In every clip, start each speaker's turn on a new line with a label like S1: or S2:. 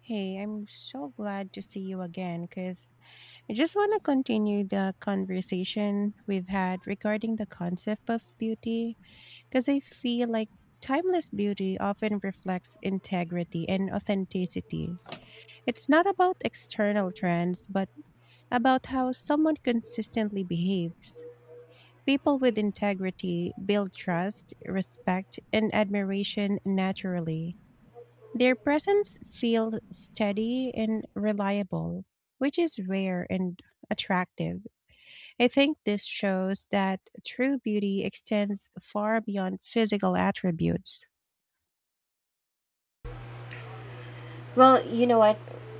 S1: Hey, I'm so glad to see you again because I just want to continue the conversation we've had regarding the concept of beauty because I feel like timeless beauty often reflects integrity and authenticity. It's not about external trends, but about how someone consistently behaves. People with integrity build trust, respect, and admiration naturally. Their presence feels steady and reliable, which is rare and attractive. I think this shows that true beauty extends far beyond physical attributes.
S2: Well, you know what?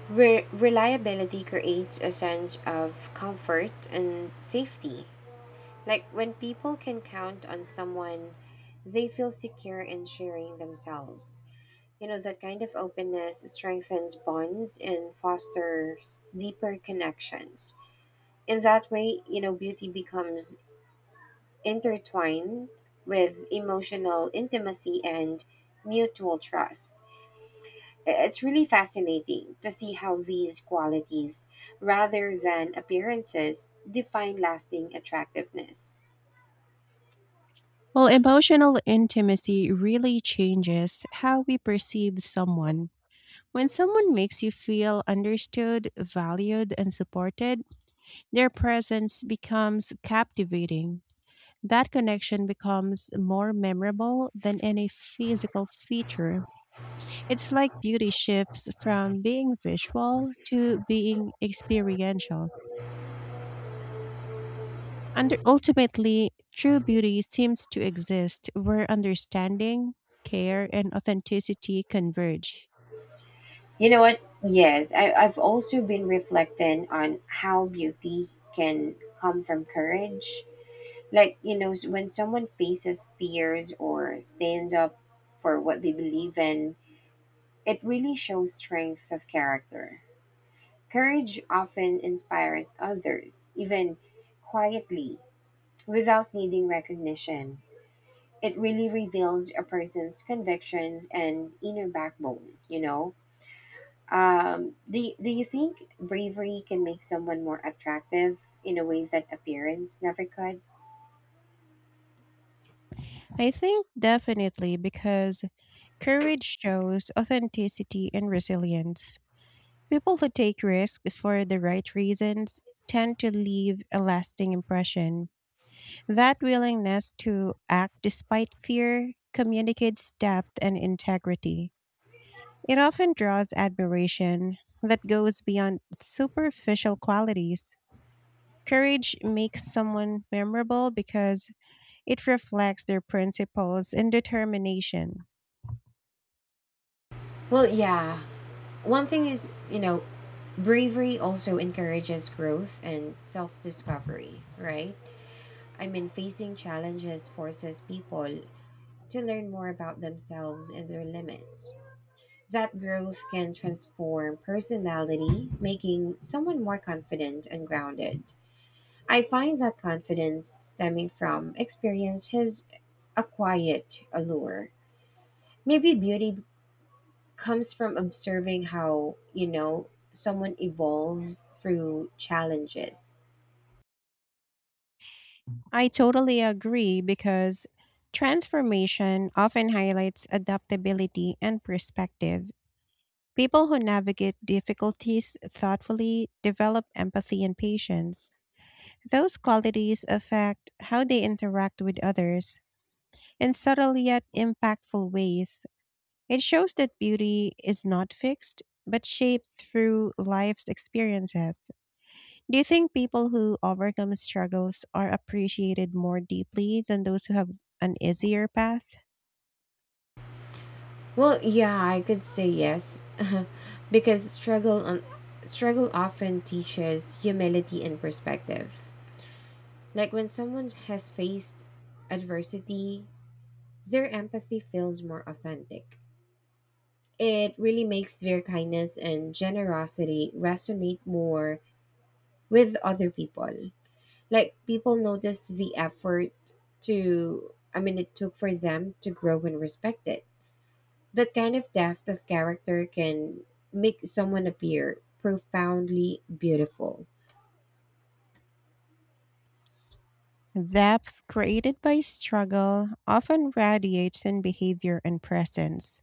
S2: Reliability creates a sense of comfort and safety. Like when people can count on someone, they feel secure in sharing themselves. You know, that kind of openness strengthens bonds and fosters deeper connections. In that way, you know, beauty becomes intertwined with emotional intimacy and mutual trust. It's really fascinating to see how these qualities, rather than appearances, define lasting attractiveness.
S1: Well, emotional intimacy really changes how we perceive someone. When someone makes you feel understood, valued, and supported, their presence becomes captivating. That connection becomes more memorable than any physical feature. It's like beauty shifts from being visual to being experiential. And ultimately, true beauty seems to exist where understanding, care, and authenticity converge.
S2: You know what? Yes, I've also been reflecting on how beauty can come from courage. Like, you know, when someone faces fears or stands up for what they believe in, it really shows strength of character. Courage often inspires others, even quietly, without needing recognition. It really reveals a person's convictions and inner backbone, you know? Do, do you think bravery can make someone more attractive in a way that appearance never could?
S1: I think definitely, because courage shows authenticity and resilience. People who take risks for the right reasons tend to leave a lasting impression. That willingness to act despite fear communicates depth and integrity. It often draws admiration that goes beyond superficial qualities. Courage makes someone memorable because it reflects their principles and determination.
S2: Well, yeah. One thing is, you know, bravery also encourages growth and self discovery, right? I mean, facing challenges forces people to learn more about themselves and their limits. That growth can transform personality, making someone more confident and grounded. I find that confidence stemming from experience has a quiet allure. Maybe beauty comes from observing how, you know, someone evolves through challenges.
S1: I totally agree because transformation often highlights adaptability and perspective. People who navigate difficulties thoughtfully develop empathy and patience. Those qualities affect how they interact with others in subtle yet impactful ways. It shows that beauty is not fixed, but shaped through life's experiences. Do you think people who overcome struggles are appreciated more deeply than those who have an easier path?
S2: Well, yeah, I could say yes because struggle often teaches humility and perspective. Like when someone has faced adversity, their empathy feels more authentic. It really makes their kindness and generosity resonate more with other people. Like people notice the effort to, I mean, it took for them to grow and respect it. That kind of depth of character can make someone appear profoundly beautiful.
S1: Depth created by struggle often radiates in behavior and presence.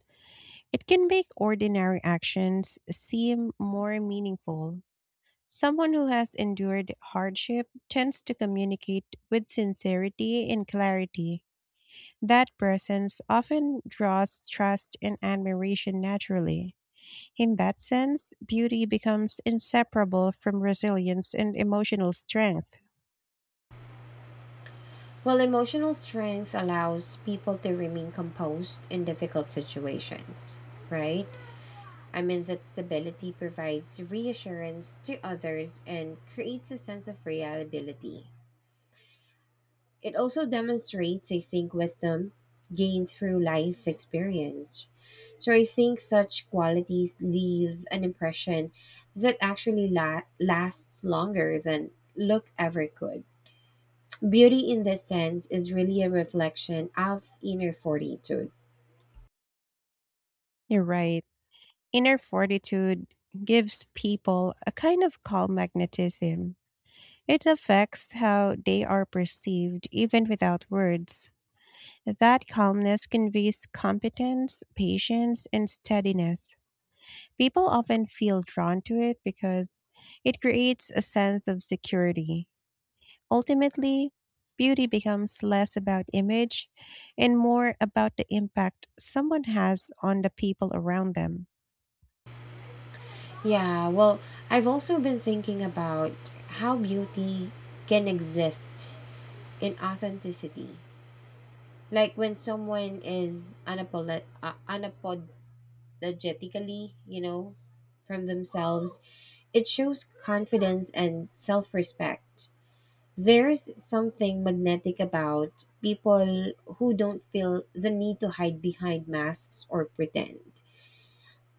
S1: It can make ordinary actions seem more meaningful. Someone who has endured hardship tends to communicate with sincerity and clarity. That presence often draws trust and admiration naturally. In that sense, beauty becomes inseparable from resilience and emotional strength.
S2: Well, emotional strength allows people to remain composed in difficult situations, right? I mean, that stability provides reassurance to others and creates a sense of reliability. It also demonstrates, I think, wisdom gained through life experience. So I think such qualities leave an impression that actually lasts longer than look ever could. Beauty in this sense is really a reflection of inner fortitude.
S1: You're right. Inner fortitude gives people a kind of calm magnetism. It affects how they are perceived even without words. That calmness conveys competence, patience, and steadiness. People often feel drawn to it because it creates a sense of security. Ultimately, beauty becomes less about image and more about the impact someone has on the people around them.
S2: Yeah, well, I've also been thinking about how beauty can exist in authenticity. Like when someone is unapologetically, you know, from themselves, it shows confidence and self respect. There's something magnetic about people who don't feel the need to hide behind masks or pretend.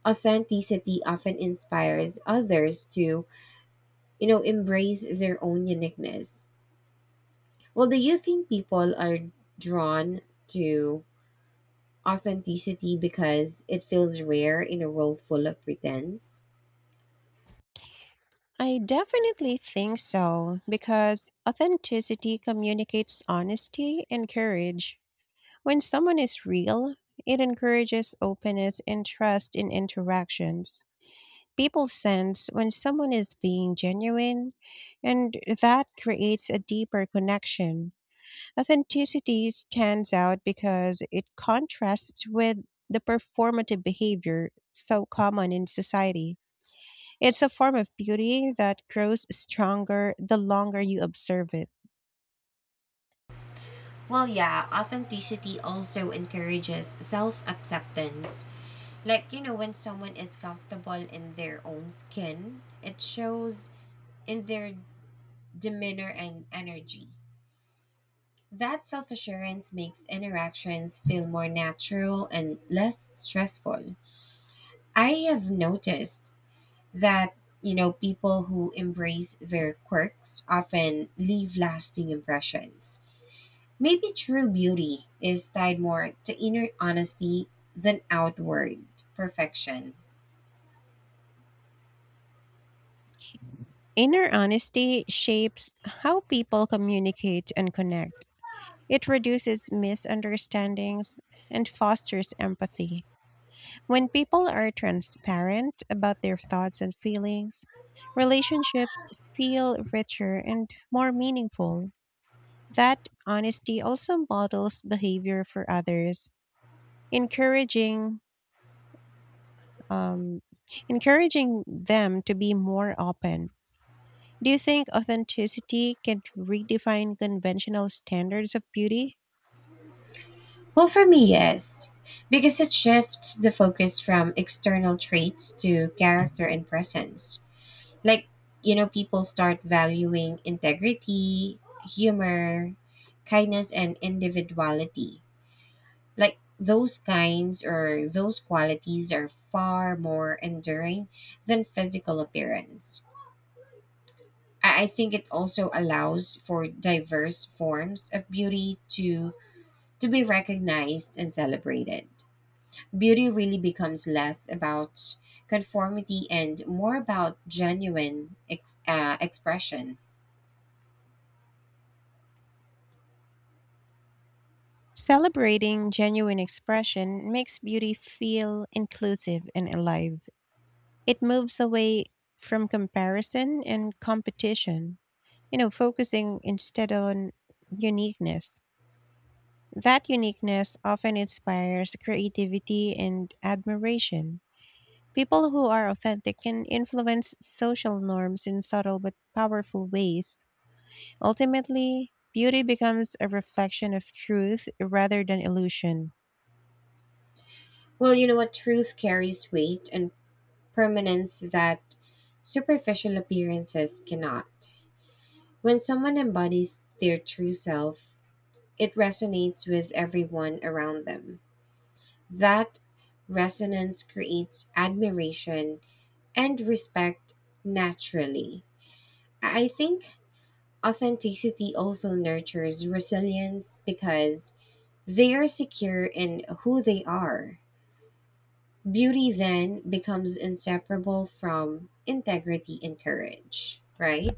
S2: Authenticity often inspires others to, you know, embrace their own uniqueness. Well, do you think people are drawn to authenticity because it feels rare in a world full of pretense?
S1: I definitely think so because authenticity communicates honesty and courage. When someone is real, it encourages openness and trust in interactions. People sense when someone is being genuine, and that creates a deeper connection. Authenticity stands out because it contrasts with the performative behavior so common in society. It's a form of beauty that grows stronger the longer you observe it.
S2: Well, yeah, authenticity also encourages self acceptance. Like, you know, when someone is comfortable in their own skin, it shows in their demeanor and energy. That self assurance makes interactions feel more natural and less stressful. I have noticed that, you know, people who embrace their quirks often leave lasting impressions. Maybe true beauty is tied more to inner honesty than outward perfection.
S1: Inner honesty shapes how people communicate and connect. It reduces misunderstandings and fosters empathy. When people are transparent about their thoughts and feelings, relationships feel richer and more meaningful. That honesty also models behavior for others, encouraging um, encouraging them to be more open. Do you think authenticity can redefine conventional standards of beauty?
S2: Well, for me, yes, because it shifts the focus from external traits to character and presence. Like, you know, people start valuing integrity, humor, kindness and individuality. Like those kinds or those qualities are far more enduring than physical appearance. I think it also allows for diverse forms of beauty to be recognized and celebrated. Beauty really becomes less about conformity and more about genuine expression.
S1: Celebrating genuine expression makes beauty feel inclusive and alive. It moves away from comparison and competition, you know, focusing instead on uniqueness. That uniqueness often inspires creativity and admiration. People who are authentic can influence social norms in subtle but powerful ways. Ultimately, beauty becomes a reflection of truth rather than illusion.
S2: Well, you know what? Truth carries weight and permanence that superficial appearances cannot. When someone embodies their true self, it resonates with everyone around them. That resonance creates admiration and respect naturally. I think authenticity also nurtures resilience because they are secure in who they are. Beauty then becomes inseparable from integrity and courage, right?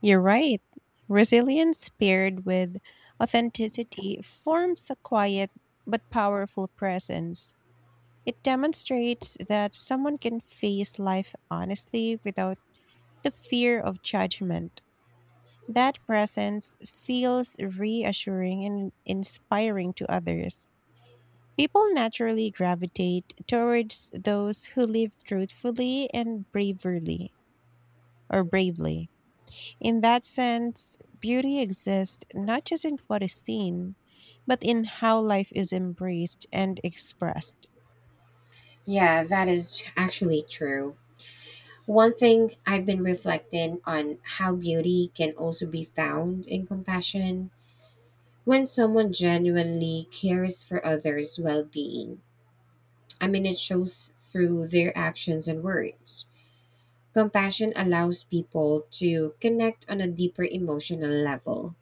S1: You're right. Resilience paired with authenticity forms a quiet but powerful presence. It demonstrates that someone can face life honestly without the fear of judgment. That presence feels reassuring and inspiring to others. People naturally gravitate towards those who live truthfully and braverly or bravely. In that sense, beauty exists not just in what is seen, but in how life is embraced and expressed.
S2: Yeah, that is actually true. One thing I've been reflecting on how beauty can also be found in compassion when someone genuinely cares for others' well being. I mean, it shows through their actions and words. Compassion allows people to connect on a deeper emotional level.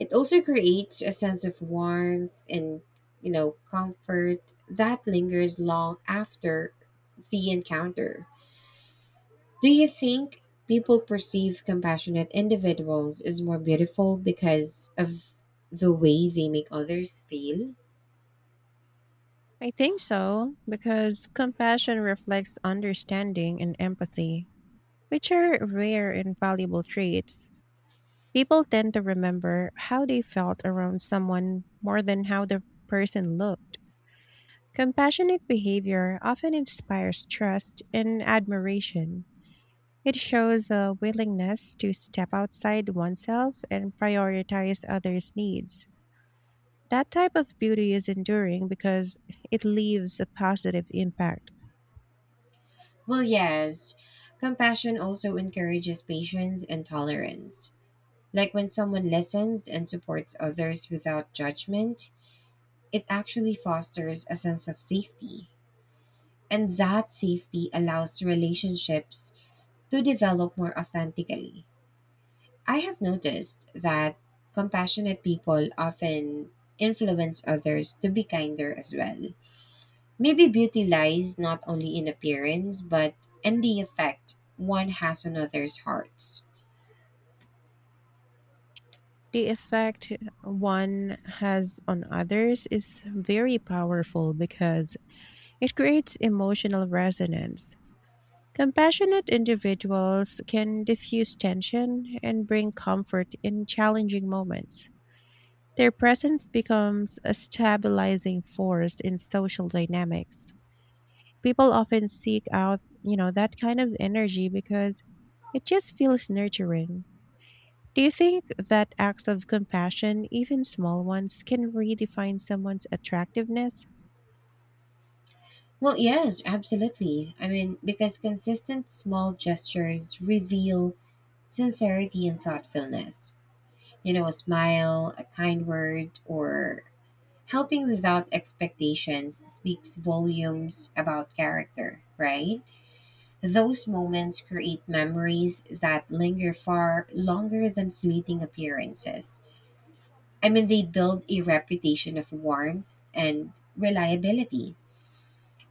S2: It also creates a sense of warmth and, you know, comfort that lingers long after the encounter. Do you think people perceive compassionate individuals as more beautiful because of the way they make others feel?
S1: I think so, because compassion reflects understanding and empathy, which are rare and valuable traits. People tend to remember how they felt around someone more than how the person looked. Compassionate behavior often inspires trust and admiration. It shows a willingness to step outside oneself and prioritize others' needs. That type of beauty is enduring because it leaves a positive impact.
S2: Well, yes. Compassion also encourages patience and tolerance. Like when someone listens and supports others without judgment, it actually fosters a sense of safety. And that safety allows relationships to develop more authentically. I have noticed that compassionate people often influence others to be kinder as well. Maybe beauty lies not only in appearance, but in the effect one has on others' hearts.
S1: The effect one has on others is very powerful because it creates emotional resonance. Compassionate individuals can diffuse tension and bring comfort in challenging moments. Their presence becomes a stabilizing force in social dynamics. People often seek out, you know, that kind of energy because it just feels nurturing. Do you think that acts of compassion, even small ones, can redefine someone's attractiveness?
S2: Well, yes, absolutely. I mean, because consistent small gestures reveal sincerity and thoughtfulness. You know, a smile, a kind word, or helping without expectations speaks volumes about character, right? Those moments create memories that linger far longer than fleeting appearances. I mean, they build a reputation of warmth and reliability.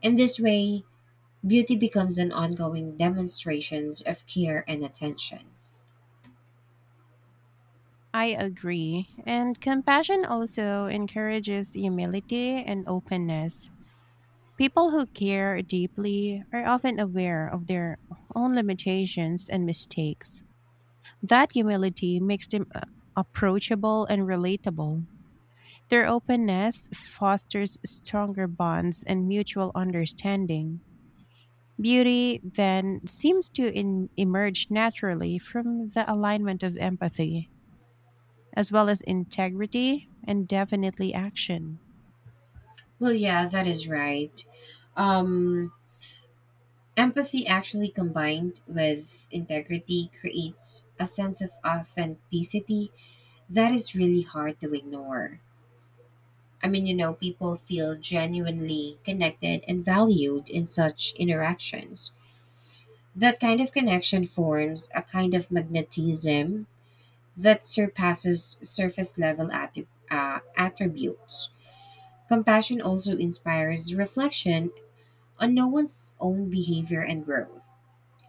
S2: In this way, beauty becomes an ongoing demonstrations of care and attention.
S1: I agree. And compassion also encourages humility and openness. People who care deeply are often aware of their own limitations and mistakes. That humility makes them approachable and relatable. Their openness fosters stronger bonds and mutual understanding. Beauty then seems to emerge naturally from the alignment of empathy, as well as integrity and definitely action.
S2: Well, yeah, that is right. Um, Empathy actually combined with integrity creates a sense of authenticity that is really hard to ignore. I mean, you know, people feel genuinely connected and valued in such interactions. That kind of connection forms a kind of magnetism that surpasses surface level attributes. Compassion also inspires reflection on no one's own behavior and growth.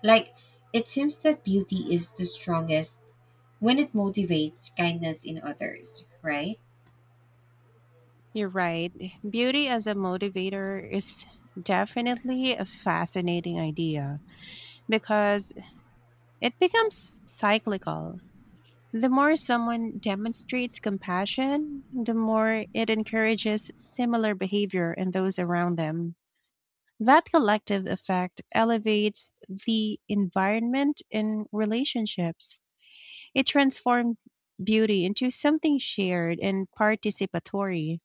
S2: Like, it seems that beauty is the strongest when it motivates kindness in others, right?
S1: You're right. Beauty as a motivator is definitely a fascinating idea because it becomes cyclical. The more someone demonstrates compassion, the more it encourages similar behavior in those around them. That collective effect elevates the environment in relationships. It transforms beauty into something shared and participatory.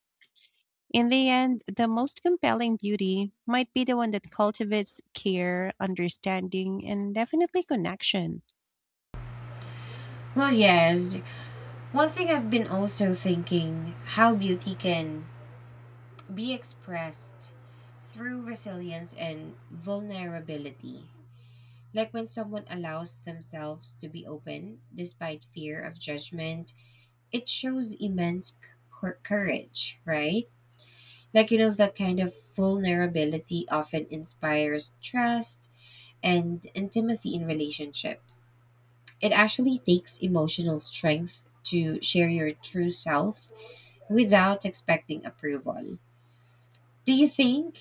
S1: In the end, the most compelling beauty might be the one that cultivates care, understanding, and definitely connection.
S2: Well, yes. One thing I've been also thinking how beauty can be expressed through resilience and vulnerability. Like when someone allows themselves to be open despite fear of judgment, it shows immense courage, right? Like, you know, that kind of vulnerability often inspires trust and intimacy in relationships. It actually takes emotional strength to share your true self without expecting approval. Do you think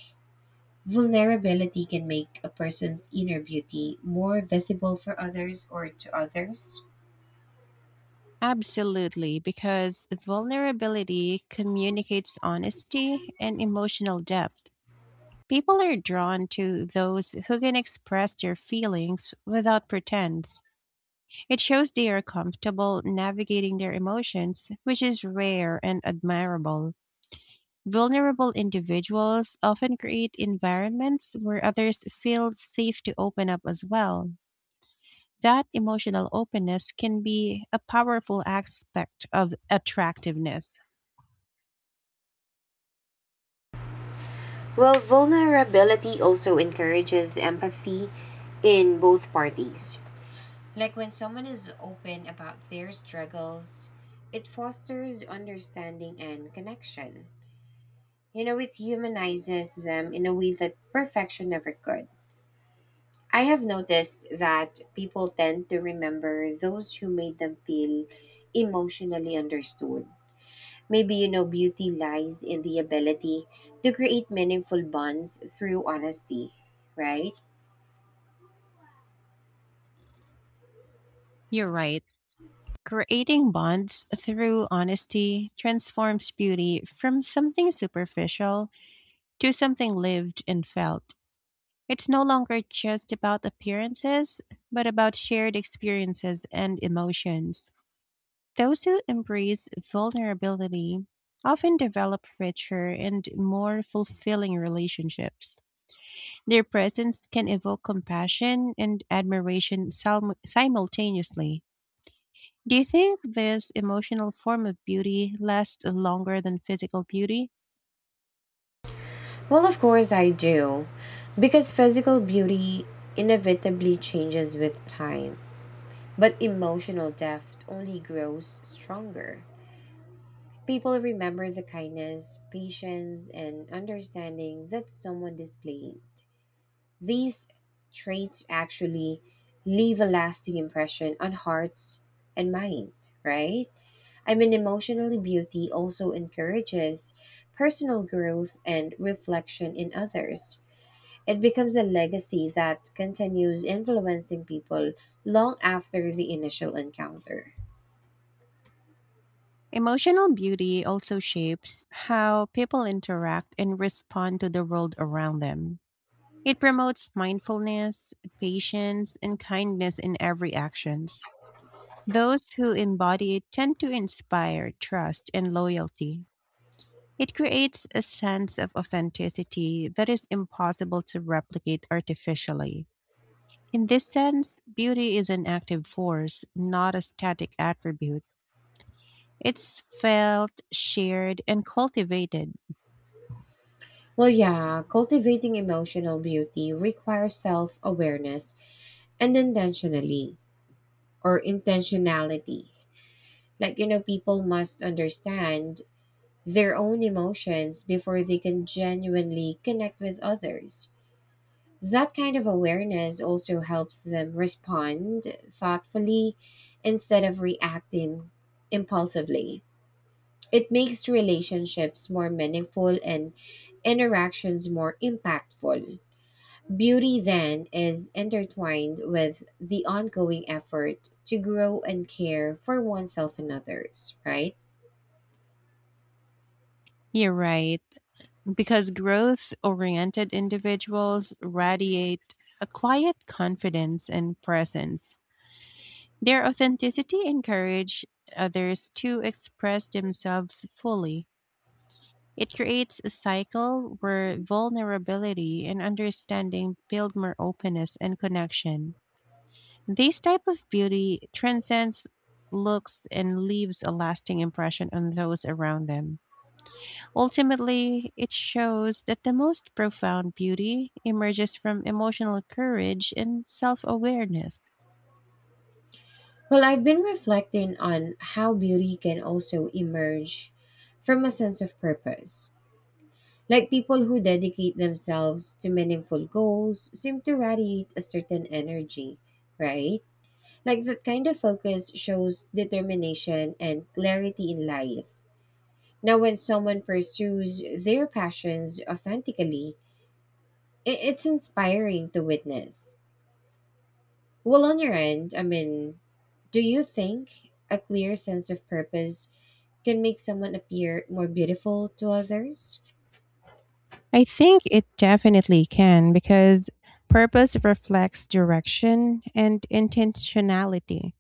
S2: vulnerability can make a person's inner beauty more visible for others or to others?
S1: Absolutely, because vulnerability communicates honesty and emotional depth. People are drawn to those who can express their feelings without pretense. It shows they are comfortable navigating their emotions, which is rare and admirable. Vulnerable individuals often create environments where others feel safe to open up as well. That emotional openness can be a powerful aspect of attractiveness.
S2: Well, vulnerability also encourages empathy in both parties. Like when someone is open about their struggles, it fosters understanding and connection. You know, it humanizes them in a way that perfection never could. I have noticed that people tend to remember those who made them feel emotionally understood. Maybe, you know, beauty lies in the ability to create meaningful bonds through honesty, right?
S1: You're right. Creating bonds through honesty transforms beauty from something superficial to something lived and felt. It's no longer just about appearances, but about shared experiences and emotions. Those who embrace vulnerability often develop richer and more fulfilling relationships. Their presence can evoke compassion and admiration simultaneously. Do you think this emotional form of beauty lasts longer than physical beauty?
S2: Well, of course, I do. Because physical beauty inevitably changes with time, but emotional depth only grows stronger. People remember the kindness, patience, and understanding that someone displayed. These traits actually leave a lasting impression on hearts and mind, right? I mean, emotionally, beauty also encourages personal growth and reflection in others. It becomes a legacy that continues influencing people long after the initial encounter.
S1: Emotional beauty also shapes how people interact and respond to the world around them. It promotes mindfulness, patience, and kindness in every actions. Those who embody it tend to inspire trust and loyalty. It creates a sense of authenticity that is impossible to replicate artificially. In this sense, beauty is an active force, not a static attribute. It's felt, shared, and cultivated.
S2: Well, yeah, cultivating emotional beauty requires self-awareness and intentionally or intentionality. Like, you know, people must understand their own emotions before they can genuinely connect with others. That kind of awareness also helps them respond thoughtfully instead of reacting impulsively. It makes relationships more meaningful and interactions more impactful. Beauty then is intertwined with the ongoing effort to grow and care for oneself and others, right?
S1: You're right, because growth oriented individuals radiate a quiet confidence and presence. Their authenticity encourages others to express themselves fully. It creates a cycle where vulnerability and understanding build more openness and connection. This type of beauty transcends looks and leaves a lasting impression on those around them. Ultimately, it shows that the most profound beauty emerges from emotional courage and self awareness.
S2: Well, I've been reflecting on how beauty can also emerge from a sense of purpose. Like people who dedicate themselves to meaningful goals seem to radiate a certain energy, right? Like that kind of focus shows determination and clarity in life. Now, when someone pursues their passions authentically, it's inspiring to witness. Well, on your end, I mean, do you think a clear sense of purpose can make someone appear more beautiful to others?
S1: I think it definitely can because purpose reflects direction and intentionality.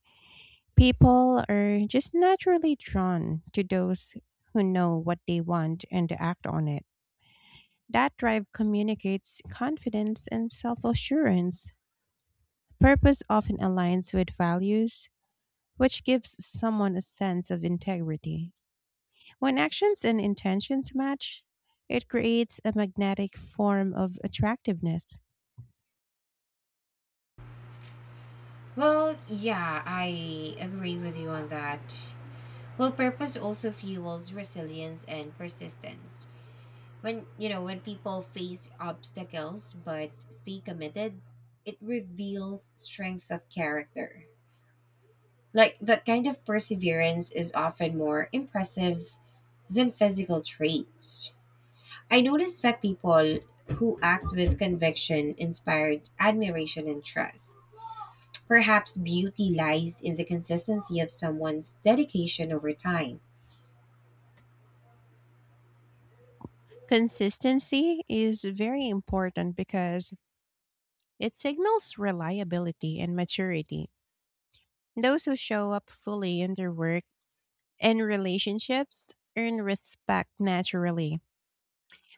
S1: People are just naturally drawn to those who know what they want and act on it. That drive communicates confidence and self assurance. Purpose often aligns with values, which gives someone a sense of integrity. When actions and intentions match, it creates a magnetic form of attractiveness.
S2: Well, yeah, I agree with you on that. Well, purpose also fuels resilience and persistence. When, people face obstacles but stay committed, it reveals strength of character. Like that kind of perseverance is often more impressive than physical traits. I noticed that people who act with conviction inspired admiration and trust. Perhaps beauty lies in the consistency of someone's dedication over time.
S1: Consistency is very important because it signals reliability and maturity. Those who show up fully in their work and relationships earn respect naturally.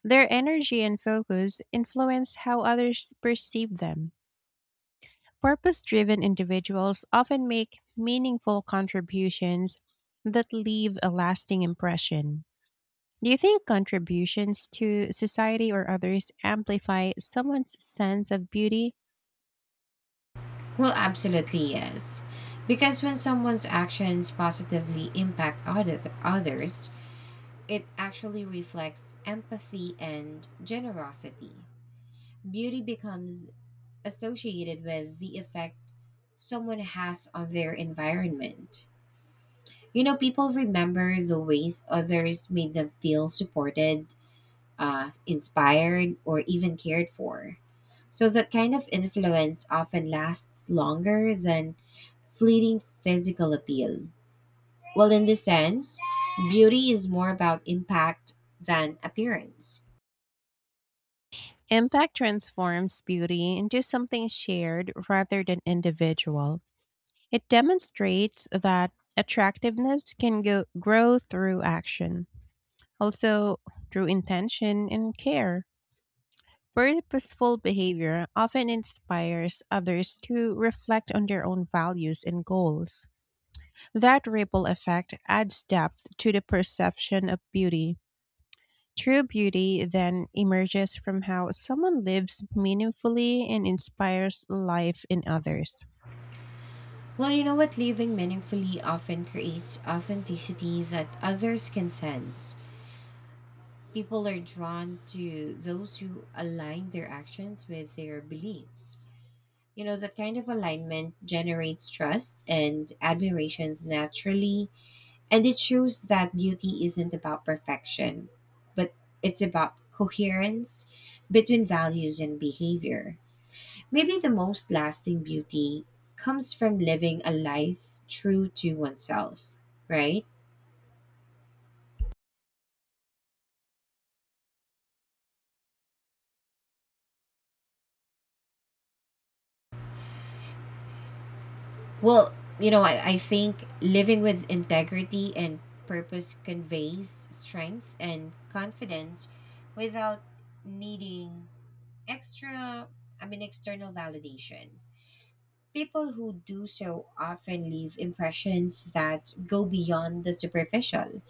S1: Their energy and focus influence how others perceive them. Purpose driven individuals often make meaningful contributions that leave a lasting impression. Do you think contributions to society or others amplify someone's sense of beauty?
S2: Well, absolutely yes. Because when someone's actions positively impact others, it actually reflects empathy and generosity. Beauty becomes associated with the effect someone has on their environment. You know, people remember the ways others made them feel supported, inspired, or even cared for. So that kind of influence often lasts longer than fleeting physical appeal. Well, in this sense, beauty is more about impact than appearance.
S1: Impact transforms beauty into something shared rather than individual. It demonstrates that attractiveness can grow through action, also through intention and care. Purposeful behavior often inspires others to reflect on their own values and goals. That ripple effect adds depth to the perception of beauty. True beauty then emerges from how someone lives meaningfully and inspires life in others.
S2: Well, you know what? Living meaningfully often creates authenticity that others can sense. People are drawn to those who align their actions with their beliefs. You know, that kind of alignment generates trust and admirations naturally, and it shows that beauty isn't about perfection, but it's about coherence between values and behavior. Maybe the most lasting beauty comes from living a life true to oneself, right? Well, you know, I think living with integrity and purpose conveys strength and confidence without needing extra, external validation. People who do so often leave impressions that go beyond the superficial.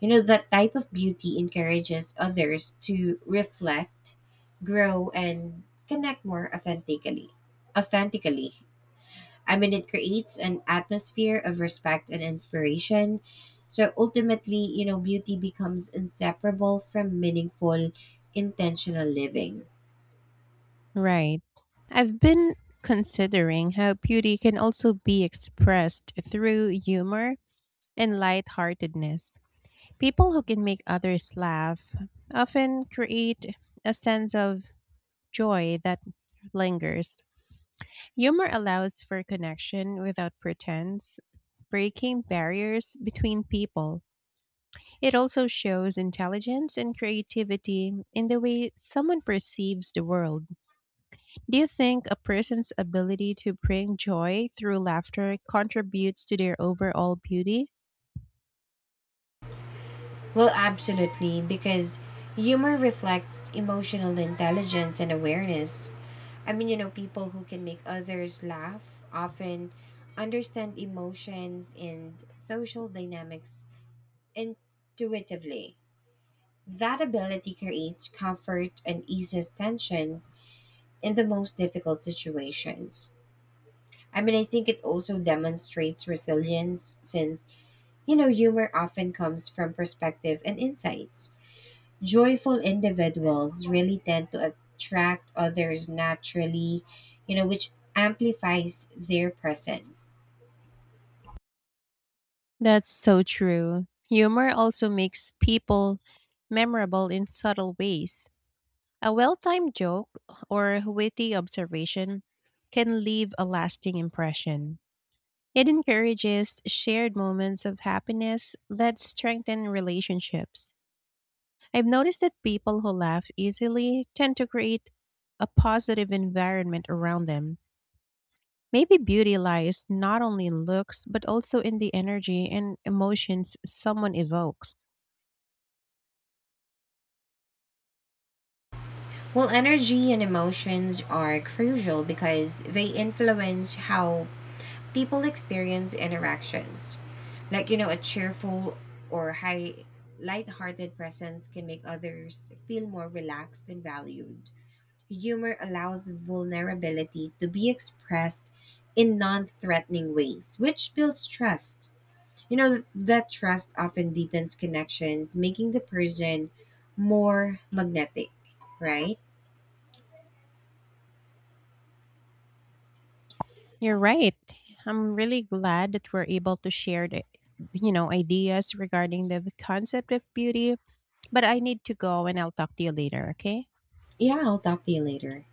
S2: You know, that type of beauty encourages others to reflect, grow, and connect more authentically. Authentically, I mean, it creates an atmosphere of respect and inspiration. So ultimately, you know, beauty becomes inseparable from meaningful, intentional living.
S1: Right. I've been considering how beauty can also be expressed through humor and lightheartedness. People who can make others laugh often create a sense of joy that lingers. Humor allows for connection without pretense, breaking barriers between people. It also shows intelligence and creativity in the way someone perceives the world. Do you think a person's ability to bring joy through laughter contributes to their overall beauty?
S2: Well, absolutely, because humor reflects emotional intelligence and awareness. I mean, you know, people who can make others laugh often understand emotions and social dynamics intuitively. That ability creates comfort and eases tensions in the most difficult situations. I mean, I think it also demonstrates resilience since, you know, humor often comes from perspective and insights. Joyful individuals really tend to attract others naturally, you know, which amplifies their presence.
S1: That's so true. Humor also makes people memorable in subtle ways. A well timed joke or witty observation can leave a lasting impression. It encourages shared moments of happiness that strengthen relationships. I've noticed that people who laugh easily tend to create a positive environment around them. Maybe beauty lies not only in looks, but also in the energy and emotions someone evokes.
S2: Well, energy and emotions are crucial because they influence how people experience interactions. Like, you know, a cheerful or high light-hearted presence can make others feel more relaxed and valued. Humor allows vulnerability to be expressed in non-threatening ways, which builds trust. You know, that trust often deepens connections, making the person more magnetic, right?
S1: You're right. I'm really glad that we're able to share the, you know, ideas regarding the concept of beauty, but I need to go and I'll talk to you later, okay?
S2: Yeah, I'll talk to you later.